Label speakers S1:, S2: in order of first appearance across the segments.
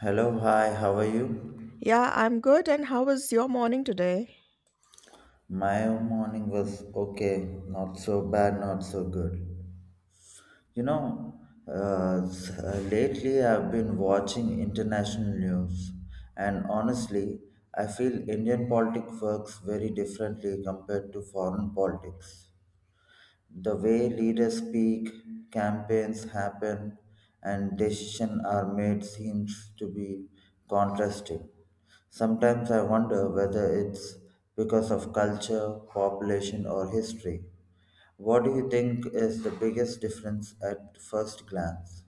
S1: Hello, hi, how are you?
S2: Yeah, I'm good. And how was your morning today?
S1: My morning was okay, not so bad, not so good. You know, Lately I've been watching international news, and honestly, I feel Indian politics works very differently compared to foreign politics. The way leaders speak, campaigns happen, and decisions are made seems to be contrasting. Sometimes I wonder whether it's because of culture, population, or history. What do you think is the biggest difference at first glance?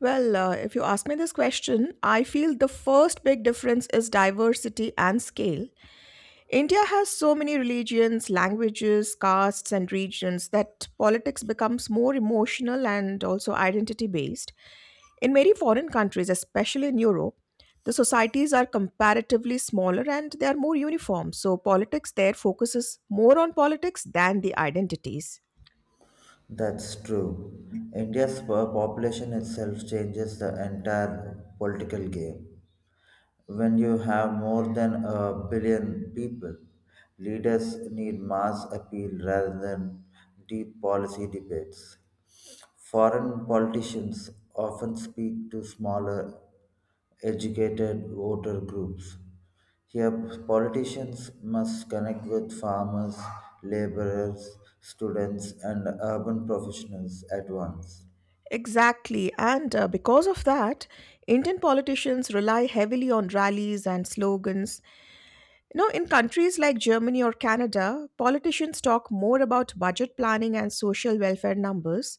S2: Well, if you ask me this question, I feel the first big difference is diversity and scale. India has so many religions, languages, castes, and regions that politics becomes more emotional and also identity based. In many foreign countries, especially in Europe, the societies are comparatively smaller and they are more uniform. So, politics there focuses more on politics than the identities.
S1: That's true. Population itself changes the entire political game. When you have more than a billion people, leaders need mass appeal rather than deep policy debates. Foreign politicians often speak to smaller, educated voter groups. Here, politicians must connect with farmers, laborers, students, and urban professionals at once.
S2: Exactly. And because of that, Indian politicians rely heavily on rallies and slogans. You know, in countries like Germany or Canada, politicians talk more about budget planning and social welfare numbers,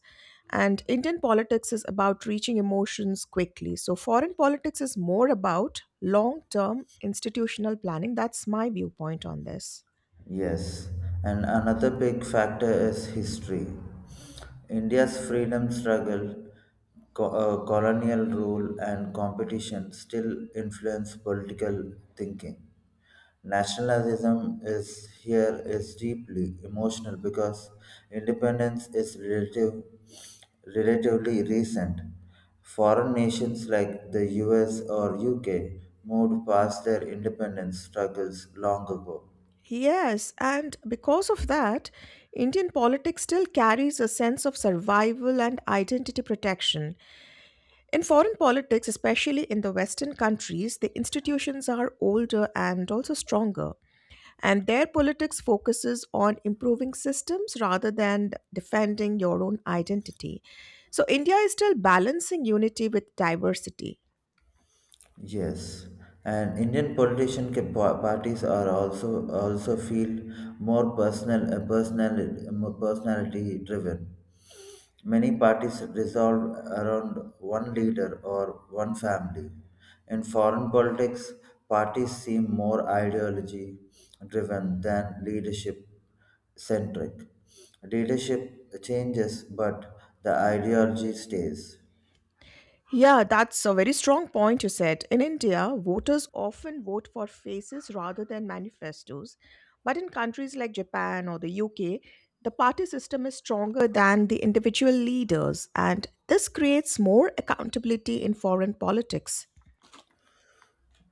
S2: and Indian politics is about reaching emotions quickly. So, foreign politics is more about long term institutional planning. That's my viewpoint on this.
S1: Yes, and another big factor is history. India's freedom struggle, colonial rule, and competition still influence political thinking. Nationalism is here is deeply emotional because independence is relatively recent. Foreign nations like the US or UK moved past their independence struggles long ago.
S2: Yes, and because of that, Indian politics still carries a sense of survival and identity protection. In foreign politics, especially in the Western countries, the institutions are older and also stronger, and their politics focuses on improving systems rather than defending your own identity. So, India is still balancing unity with diversity.
S1: Yes, and Indian parties are also feel more personal personal more personality driven. Many parties resolve around one leader or one family. In foreign politics, parties seem more ideology driven than leadership centric. Leadership changes, but the ideology stays.
S2: Yeah, that's a very strong point you said. In India, voters often vote for faces rather than manifestos. But in countries like Japan or the UK, the party system is stronger than the individual leaders, and this creates more accountability in foreign politics.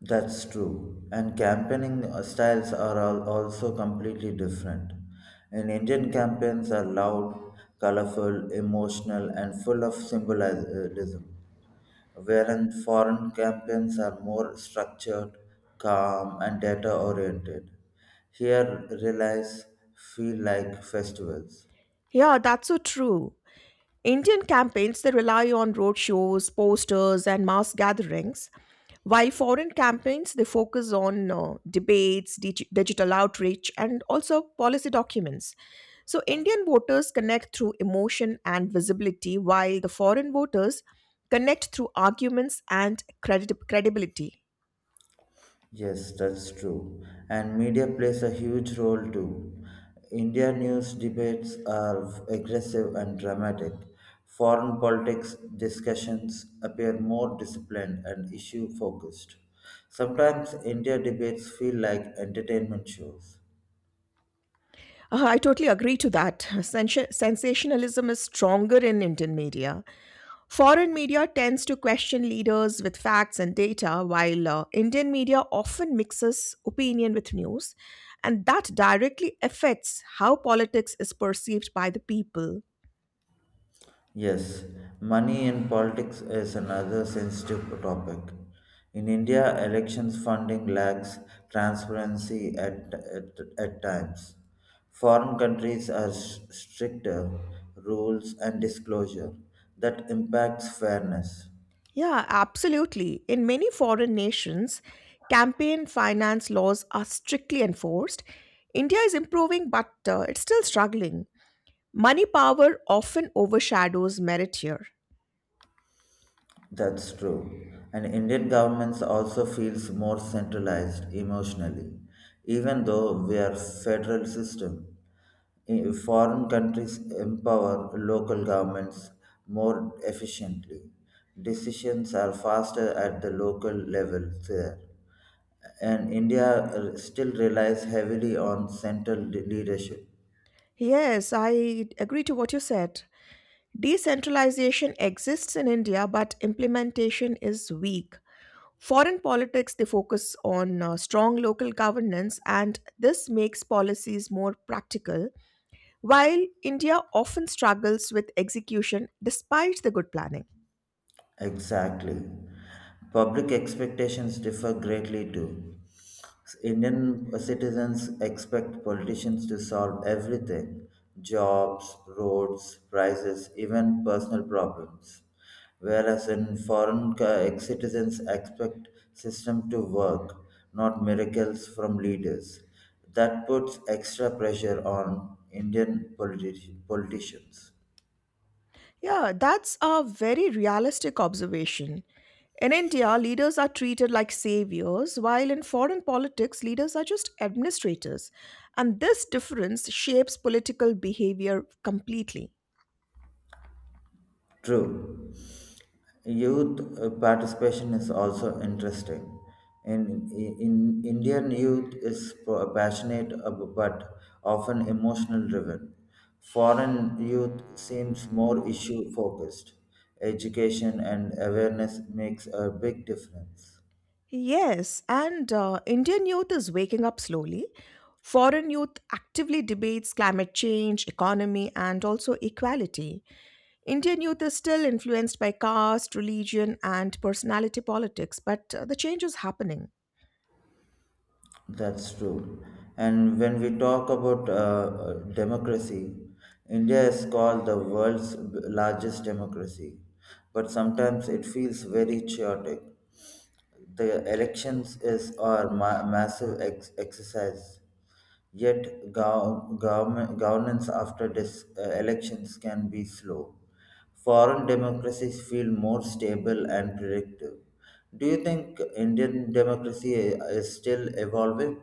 S1: That's true. And campaigning styles are all also completely different. In Indian campaigns are loud, colorful, emotional, and full of symbolism, whereas foreign campaigns are more structured, calm, and data oriented. Here, realize feel like festivals.
S2: Yeah, that's so true. Indian campaigns they rely on roadshows, posters, and mass gatherings, while foreign campaigns, they focus on debates, digital outreach, and also policy documents. So, Indian voters connect through emotion and visibility, while the foreign voters connect through arguments and credibility.
S1: Yes, that's true. And media plays a huge role too. India news debates are aggressive and dramatic. Foreign politics discussions appear more disciplined and issue focused. Sometimes India debates feel like entertainment shows.
S2: I totally agree to that. Sensationalism is stronger in Indian media. Foreign media tends to question leaders with facts and data, while Indian media often mixes opinion with news, and that directly affects how politics is perceived by the people.
S1: Yes, money in politics is another sensitive topic. In India, elections funding lacks transparency at times. Foreign countries are stricter rules and disclosure that impacts fairness.
S2: Yeah, absolutely. In many foreign nations, campaign finance laws are strictly enforced. India is improving, but it's still struggling. Money power often overshadows merit here.
S1: That's true. And Indian governments also feels more centralized emotionally, even though we are federal system. Foreign countries empower local governments more efficiently. Decisions are faster at the local level there. And India still relies heavily on central leadership.
S2: Yes, I agree to what you said. Decentralization exists in India, but implementation is weak. Foreign politics, they focus on strong local governance, and this makes policies more practical while India often struggles with execution despite the good planning.
S1: Exactly. Public expectations differ greatly too. Indian citizens expect politicians to solve everything jobs, roads, prices, even personal problems. Whereas in foreign citizens expect system to work, not miracles from leaders. That puts extra pressure on Indian politicians.
S2: Yeah, that's a very realistic observation. In India, leaders are treated like saviors, while in foreign politics, leaders are just administrators. And this difference shapes political behavior completely.
S1: True. Youth participation is also interesting. In Indian youth is passionate but often emotional driven. Foreign youth seems more issue focused. Education and awareness makes a big difference.
S2: Yes, and Indian youth is waking up slowly. Foreign youth actively debates climate change, economy, and also equality. Indian youth is still influenced by caste, religion, and personality politics, but the change is happening.
S1: That's true. And when we talk about democracy, India is called the world's largest democracy, but sometimes it feels very chaotic. The elections is our massive exercise, yet government governance after elections can be slow. Foreign democracies feel more stable and predictive. Do you think Indian democracy is still evolving?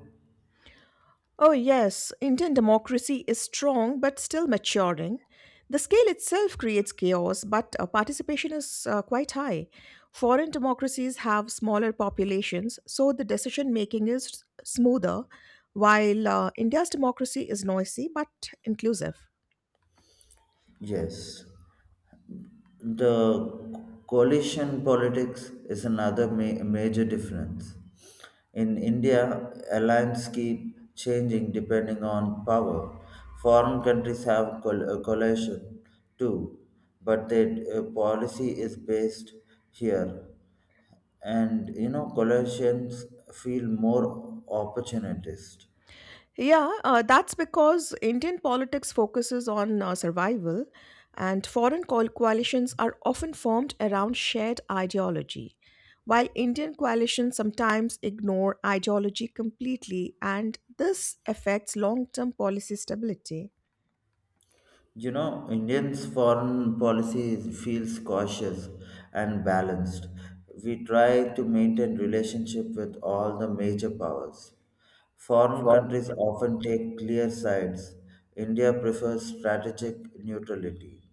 S2: Oh, yes, Indian democracy is strong but still maturing. The scale itself creates chaos, but participation is quite high. Foreign democracies have smaller populations, so the decision making is smoother, while India's democracy is noisy but inclusive.
S1: Yes. The coalition politics is another major difference. In India, alliances keep changing depending on power. Foreign countries have coalition too, but their policy is based here. And you know, coalitions feel more opportunist.
S2: Yeah, that's because Indian politics focuses on survival, and foreign coalitions are often formed around shared ideology, while Indian coalitions sometimes ignore ideology completely, and this affects long term policy stability.
S1: You know, Indians' foreign policy feels cautious and balanced. We try to maintain relationship with all the major powers. Foreign
S2: For
S1: countries often take clear sides. India prefers strategic neutrality.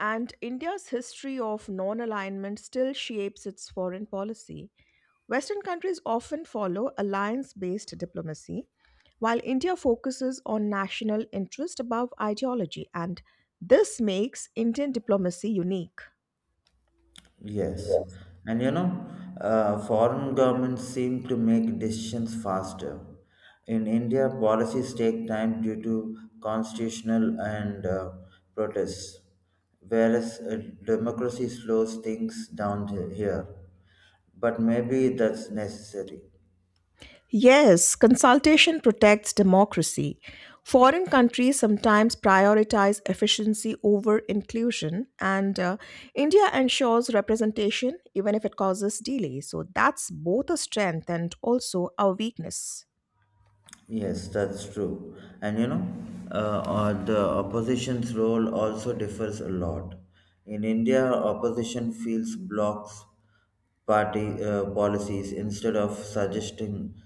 S2: And India's history of non alignment still shapes its foreign policy. Western countries often follow alliance based diplomacy, while India focuses on national interest above ideology, and this makes Indian diplomacy unique.
S1: Yes, and you know, foreign governments seem to make decisions faster. In India, policies take time due to constitutional and protests, whereas democracy slows things down here. But maybe that's necessary.
S2: Yes, consultation protects democracy. Foreign countries sometimes prioritize efficiency over inclusion, and India ensures representation even if it causes delay. So that's both a strength and also a weakness.
S1: Yes, that's true. And you know, the opposition's role also differs a lot. In India, opposition feels blocks party policies instead of suggesting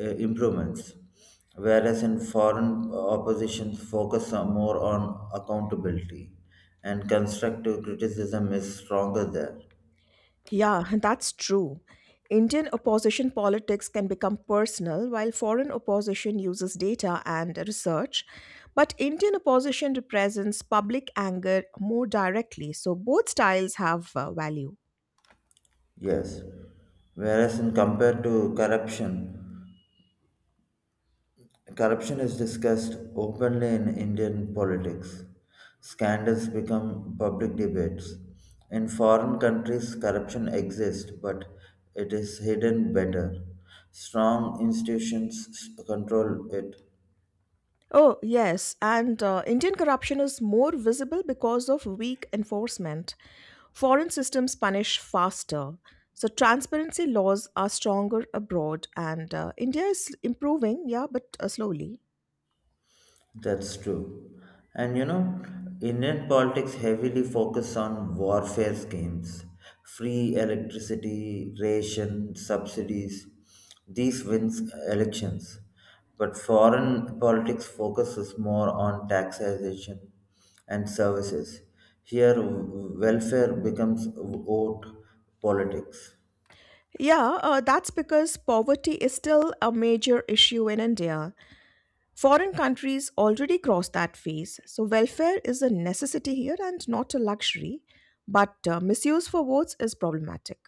S1: improvements, whereas in foreign oppositions focus on- more on accountability and constructive criticism is stronger there.
S2: Yeah, that's true. Indian opposition politics can become personal, while foreign opposition uses data and research. But Indian opposition represents public anger more directly, so both styles have value.
S1: Yes. Whereas in compared to corruption, corruption is discussed openly in Indian politics. Scandals become public debates. In foreign countries, corruption exists, but it is hidden better. Strong institutions control it.
S2: Oh, yes, and Indian corruption is more visible because of weak enforcement. Foreign systems punish faster. So, transparency laws are stronger abroad, and India is improving, yeah, but slowly.
S1: That's true. And you know, Indian politics heavily focus on warfare schemes, free electricity, ration, subsidies. These wins elections. But foreign politics focuses more on taxation and services. Here, welfare becomes vote politics.
S2: Yeah, that's because poverty is still a major issue in India. Foreign countries already crossed that phase, so welfare is a necessity here and not a luxury. But misuse for votes is problematic.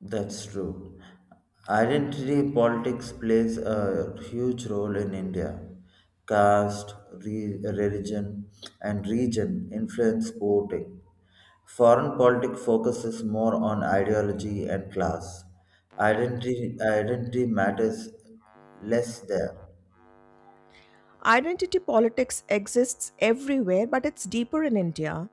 S1: That's true. Identity politics plays a huge role in India. Caste, religion, and region influence voting. Foreign politics focuses more on ideology and class. Identity matters less there.
S2: Identity politics exists everywhere, but it's deeper in India.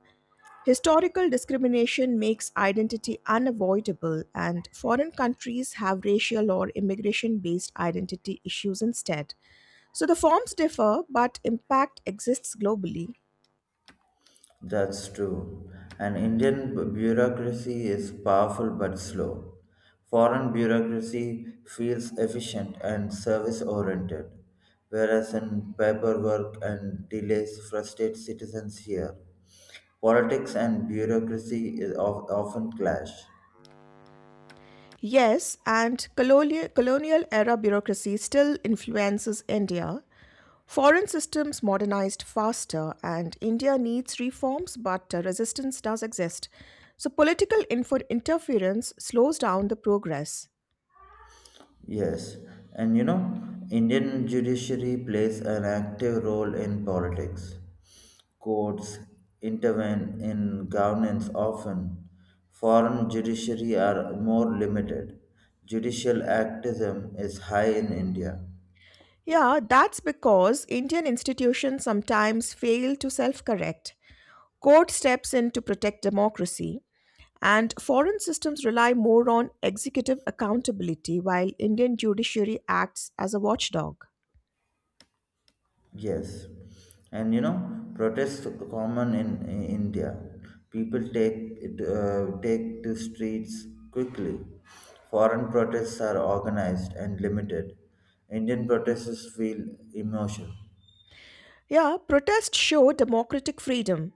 S2: Historical discrimination makes identity unavoidable, and foreign countries have racial or immigration based identity issues instead. So the forms differ, but impact exists globally.
S1: That's true. And Indian bureaucracy is powerful but slow. Foreign bureaucracy feels efficient and service oriented, whereas in paperwork and delays frustrate citizens here. Politics and bureaucracy is often clash.
S2: Yes, and colonial era bureaucracy still influences India. Foreign systems modernized faster, and India needs reforms, but resistance does exist. So, political interference slows down the progress.
S1: Yes, and you know, Indian judiciary plays an active role in politics. Courts intervene in governance often. Foreign judiciary are more limited. Judicial activism is high in India.
S2: Yeah, that's because Indian institutions sometimes fail to self correct. Court steps in to protect democracy, and foreign systems rely more on executive accountability while Indian judiciary acts as a watchdog.
S1: Yes, and you know protests common in India. People take take to streets quickly. Foreign protests are organized and limited. Indian protests feel emotional.
S2: Yeah, protests show democratic freedom.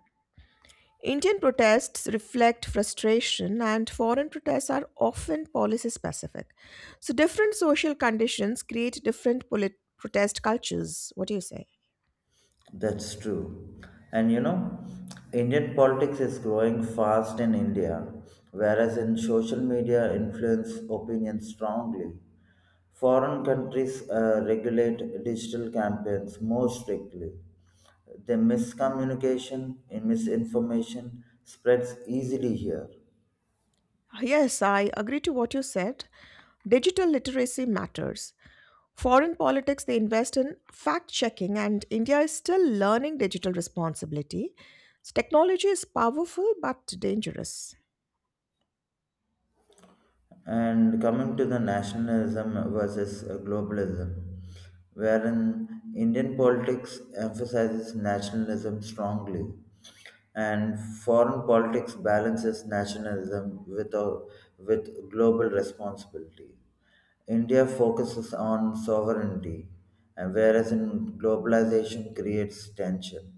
S2: Indian protests reflect frustration, and foreign protests are often policy specific. So, different social conditions create different protest cultures. What do you say?
S1: That's true. And you know, Indian politics is growing fast in India, whereas in social media influence opinions strongly. Foreign countries regulate digital campaigns more strictly. The miscommunication and misinformation spreads easily here.
S2: Yes, I agree to what you said. Digital literacy matters. Foreign politics, they invest in fact checking, and India is still learning digital responsibility. So technology is powerful but dangerous.
S1: And coming to the nationalism versus globalism, wherein Indian politics emphasizes nationalism strongly, and foreign politics balances nationalism with global responsibility. India focuses on sovereignty, and whereas in globalization creates tension.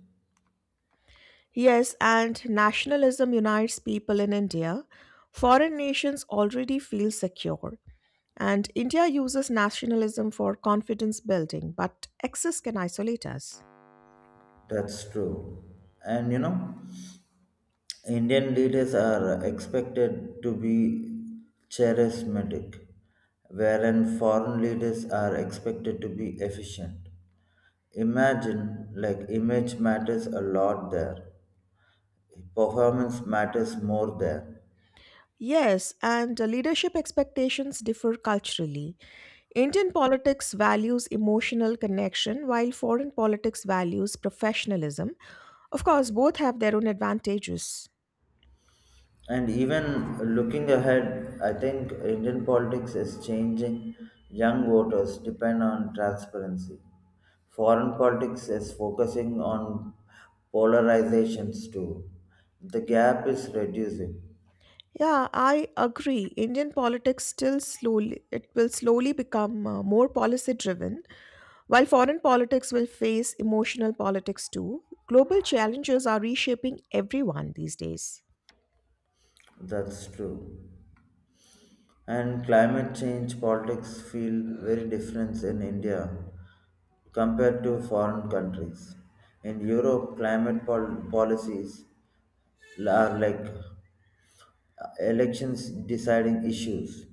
S2: Yes, and nationalism unites people in India. Foreign nations already feel secure, and India uses nationalism for confidence building, but excess can isolate us.
S1: That's true. And you know, Indian leaders are expected to be charismatic, wherein foreign leaders are expected to be efficient. Imagine, like, image matters a lot there, performance matters more there.
S2: Yes, and leadership expectations differ culturally. Indian politics values emotional connection while foreign politics values professionalism. Of course, both have their own advantages.
S1: And even looking ahead, I think Indian politics is changing. Young voters depend on transparency. Foreign politics is focusing on polarizations too. The gap is reducing.
S2: Yeah, I agree. Indian politics still slowly it will slowly become more policy driven while foreign politics will face emotional politics too. Global challenges are reshaping everyone these days.
S1: That's true. And climate change politics feel very different in India compared to foreign countries. In Europe, climate policies are like elections deciding issues.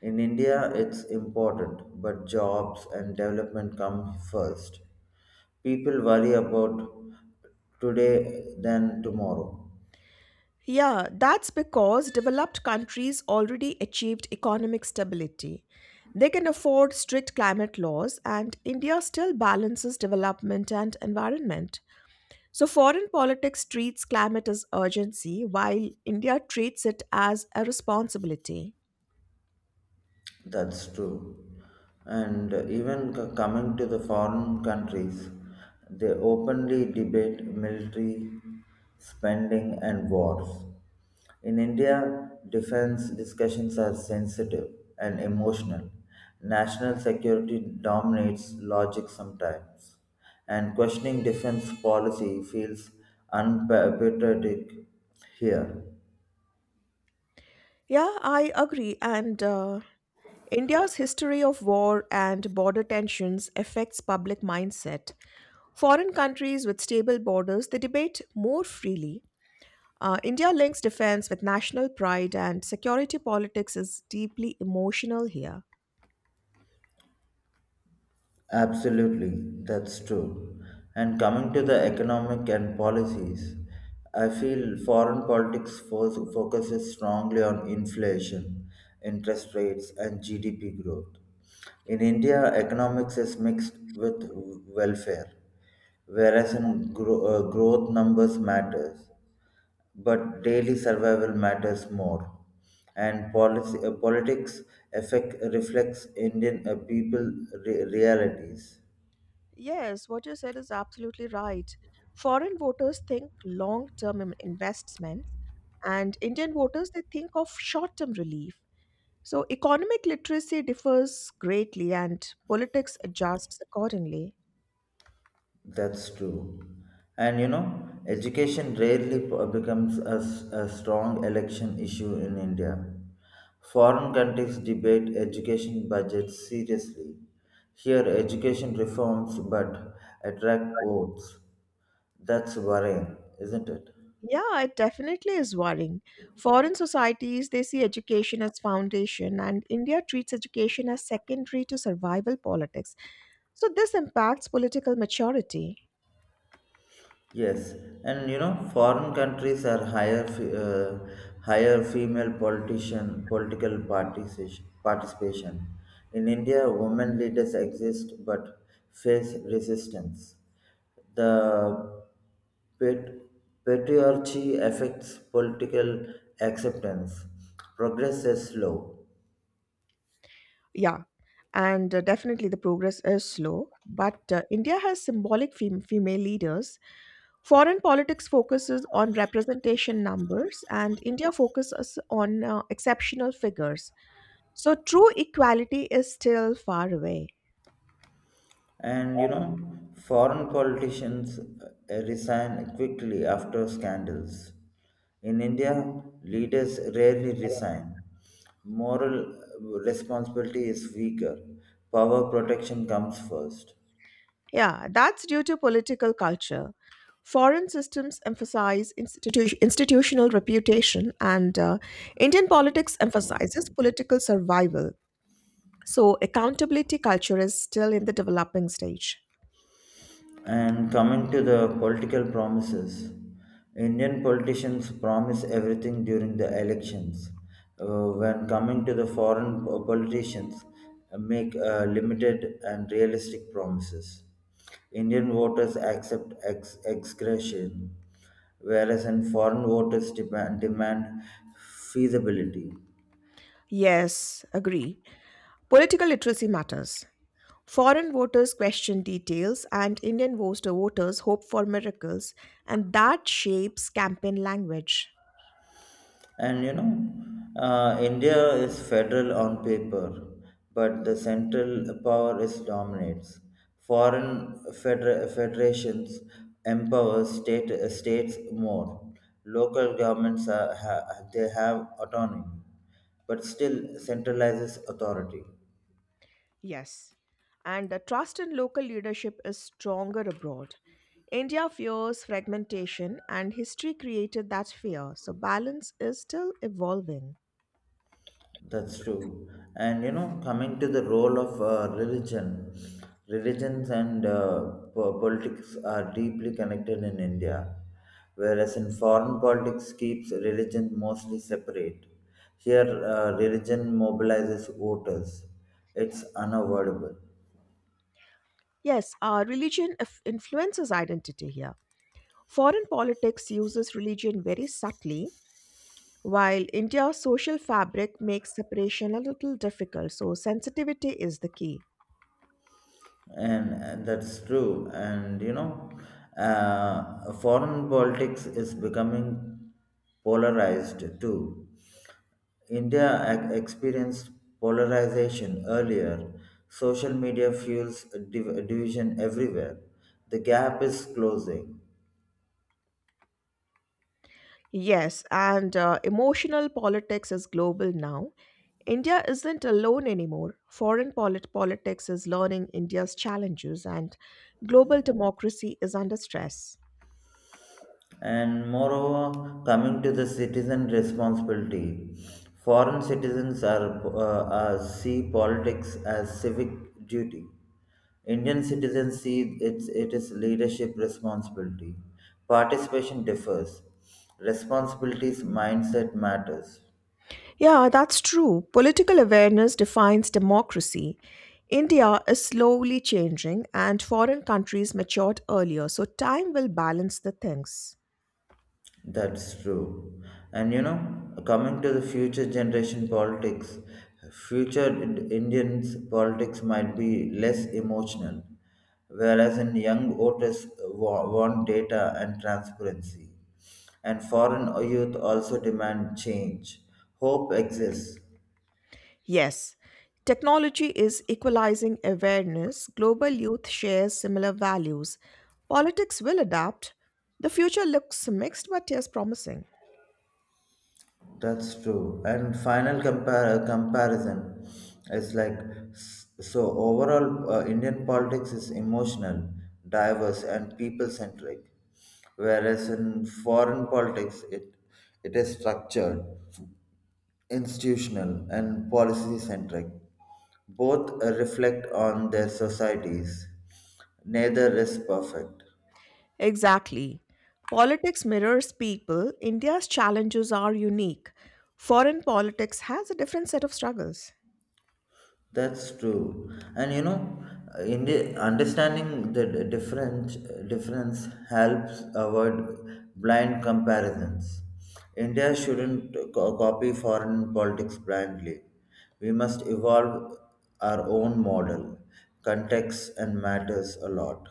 S1: In India, it's important, but jobs and development come first. People worry about today than tomorrow.
S2: Yeah, that's because developed countries already achieved economic stability. They can afford strict climate laws, and India still balances development and environment. So, foreign politics treats climate as urgency, while India treats it as a responsibility.
S1: That's true. And even coming to the foreign countries, they openly debate military spending and wars. In India, defense discussions are sensitive and emotional. National security dominates logic sometimes, and questioning defense policy feels unpatriotic here.
S2: Yeah, I agree. And India's history of war and border tensions affects public mindset. Foreign countries with stable borders, they debate more freely. India links defense with national pride, and security politics is deeply emotional here.
S1: Absolutely, that's true. And coming to the economic and policies, I feel foreign politics focuses strongly on inflation, interest rates, and GDP growth. In India, economics is mixed with welfare, whereas in growth numbers matters, but daily survival matters more. And politics affect reflects Indian people realities.
S2: Yes, what you said is absolutely right. Foreign voters think long term investments, and Indian voters they think of short term relief. So, economic literacy differs greatly, and politics adjusts accordingly.
S1: That's true. And you know, education rarely becomes a strong election issue in India. Foreign countries debate education budgets seriously. Here, education reforms but attract votes. That's worrying, isn't it?
S2: Yeah, it definitely is worrying. Foreign societies, they see education as foundation, and India treats education as secondary to survival politics. So this impacts political maturity.
S1: Yes, and you know, foreign countries are higher, higher female politician, political participation. Participation. In India, women leaders exist but face resistance. The pat- patriarchy affects political acceptance. Progress is slow.
S2: Yeah, and definitely the progress is slow, but India has symbolic female leaders. Foreign politics focuses on representation numbers, and India focuses on exceptional figures. So, true equality is still far away.
S1: And you know, foreign politicians resign quickly after scandals. In India, leaders rarely resign. Moral responsibility is weaker. Power protection comes first.
S2: Yeah, that's due to political culture. Foreign systems emphasize institutional reputation, and Indian politics emphasizes political survival. So, accountability culture is still in the developing stage.
S1: And coming to the political promises, Indian politicians promise everything during the elections. When coming to the foreign politicians, make limited and realistic promises. Indian voters accept excretion, whereas in foreign voters demand feasibility.
S2: Yes, agree. Political literacy matters. Foreign voters question details, and Indian voters hope for miracles, and that shapes campaign language.
S1: And you know, India is federal on paper, but the central power is dominates. Foreign federations empower states more. Local governments they have autonomy, but still centralizes authority.
S2: Yes, and the trust in local leadership is stronger abroad. India fears fragmentation, and history created that fear, so balance is still evolving.
S1: That's true. And you know, coming to the role of religion, religions and politics are deeply connected in India, whereas in foreign politics keeps religion mostly separate. Here, religion mobilizes voters. It's unavoidable.
S2: Yes, our religion influences identity here. Foreign politics uses religion very subtly, while India's social fabric makes separation a little difficult, so sensitivity is the key.
S1: And that's true, and you know, foreign politics is becoming polarized too. India experienced polarization earlier. Social media fuels division everywhere. The gap is closing.
S2: Yes, and emotional politics is global now. India isn't alone anymore. Foreign politics is learning India's challenges, and global democracy is under stress.
S1: And moreover, coming to the citizen responsibility, foreign citizens are see politics as civic duty. Indian citizens see it is leadership responsibility. Participation differs. Responsibilities mindset matters.
S2: Yeah, that's true. Political awareness defines democracy. India is slowly changing, and foreign countries matured earlier, so time will balance the things.
S1: That's true. And you know, coming to the future generation politics, future Indians politics might be less emotional, whereas in young voters want data and transparency. And foreign youth also demand change. Hope exists.
S2: Yes, technology is equalizing awareness. Global youth shares similar values. Politics will adapt. The future looks mixed but yes promising.
S1: That's true. And final comparison is like so overall, Indian politics is emotional, diverse, and people centric, whereas in foreign politics, it is structured, institutional, and policy centric. Both reflect on their societies. Neither is perfect.
S2: Exactly. Politics mirrors people. India's challenges are unique. Foreign politics has a different set of struggles.
S1: That's true, and you know, in the understanding the difference helps avoid blind comparisons. India shouldn't copy foreign politics blindly. We must evolve our own model. Context and matters a lot.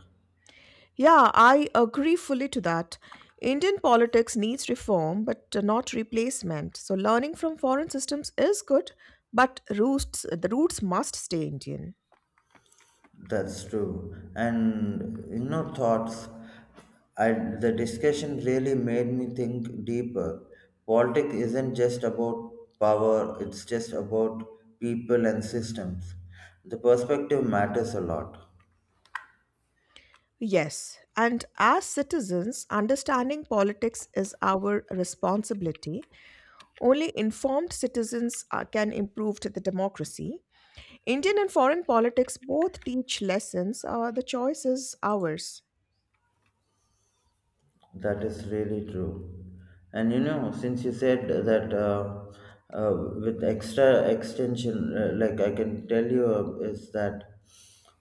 S2: Yeah, I agree fully to that. Indian politics needs reform, but not replacement. So learning from foreign systems is good, but roots the roots must stay Indian.
S1: That's true. And you know, thoughts. I the discussion really made me think deeper. Politics isn't just about power; it's just about people and systems. The perspective matters a lot.
S2: Yes, and as citizens, understanding politics is our responsibility. Only informed citizens can improve the democracy. Indian and foreign politics both teach lessons. The choice is ours.
S1: That is really true. And you know, since you said that uh, with extra extension, like I can tell you, is that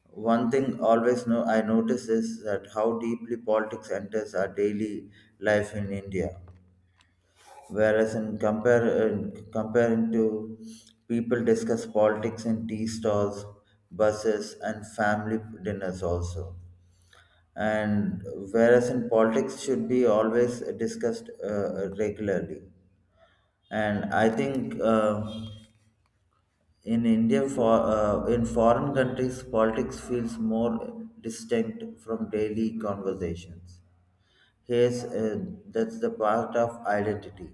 S1: one thing always know I notice is that how deeply politics enters our daily life in India. Whereas in compare in comparing to people discuss politics in tea stalls, buses, and family dinners also, and whereas in politics should be always discussed regularly, and I think in india for in foreign countries politics feels more distinct from daily conversations here's that's the part of identity.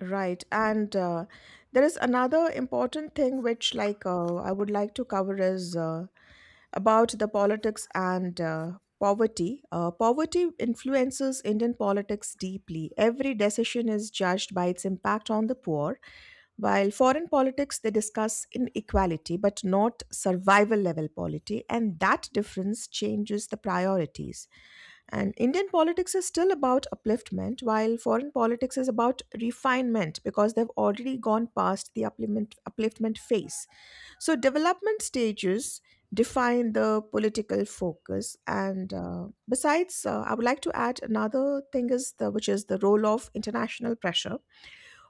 S2: Right. And there is another important thing which, I would like to cover is about the politics and poverty. Poverty influences Indian politics deeply. Every decision is judged by its impact on the poor, while foreign politics they discuss inequality but not survival level poverty, and that difference changes the priorities. And Indian politics is still about upliftment, while foreign politics is about refinement because they've already gone past the upliftment phase. So, development stages define the political focus. And besides, I would like to add another thing is the which is the role of international pressure.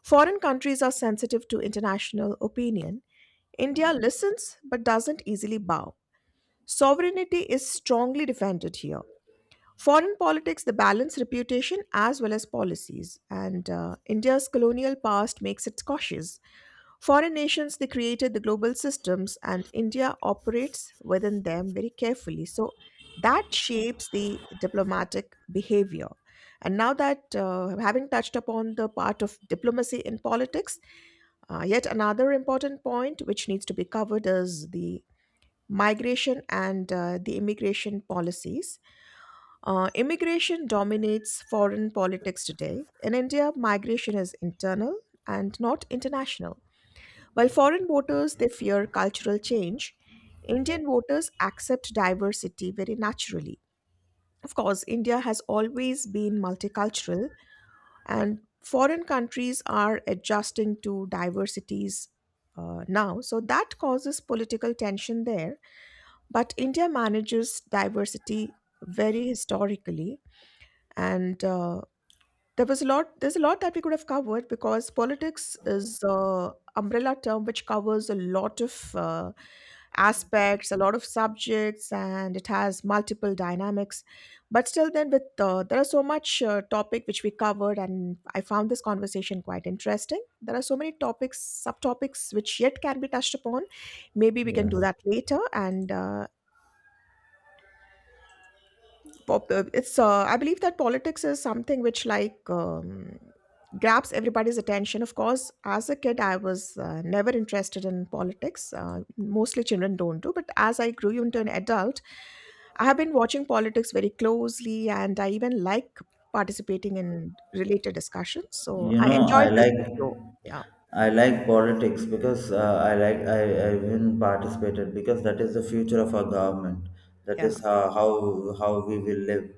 S2: Foreign countries are sensitive to international opinion. India listens but doesn't easily bow. Sovereignty is strongly defended here. Foreign politics, the balance reputation as well as policies, and India's colonial past makes it cautious. Foreign nations, they created the global systems, and India operates within them very carefully. So that shapes the diplomatic behavior. And now that having touched upon the part of diplomacy in politics, yet another important point which needs to be covered is the migration and the immigration policies. Immigration dominates foreign politics today. In India, migration is internal and not international. While foreign voters they fear cultural change, Indian voters accept diversity very naturally. Of course, India has always been multicultural, and foreign countries are adjusting to diversities now. So that causes political tension there. But India manages diversity very historically and there's a lot that we could have covered because politics is a umbrella term which covers a lot of aspects, a lot of subjects, and it has multiple dynamics. But still, then with there are so much topic which we covered, and I found this conversation quite interesting. There are so many topics, subtopics which yet can be touched upon. Maybe we can do
S1: Yes.
S2: that later, and it's I believe that politics is something which grabs everybody's attention. Of course, as a kid, I was never interested in politics. Mostly children don't do. But as I grew into an adult, I have been watching politics very closely, and I even like participating in related discussions. So
S1: You
S2: I
S1: know,
S2: enjoyed this with you. Yeah,
S1: I like politics because I even participated because that is the future of our government. That
S2: yeah,
S1: is how we will live.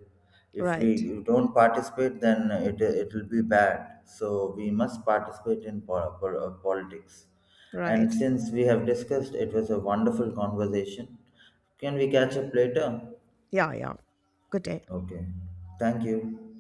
S1: If
S2: right,
S1: we don't participate, then it will be bad. So we must participate in politics. And
S2: right.
S1: since we have discussed, it was a wonderful conversation. Can we catch up later?
S2: Yeah, yeah. Good day.
S1: Okay. Thank you.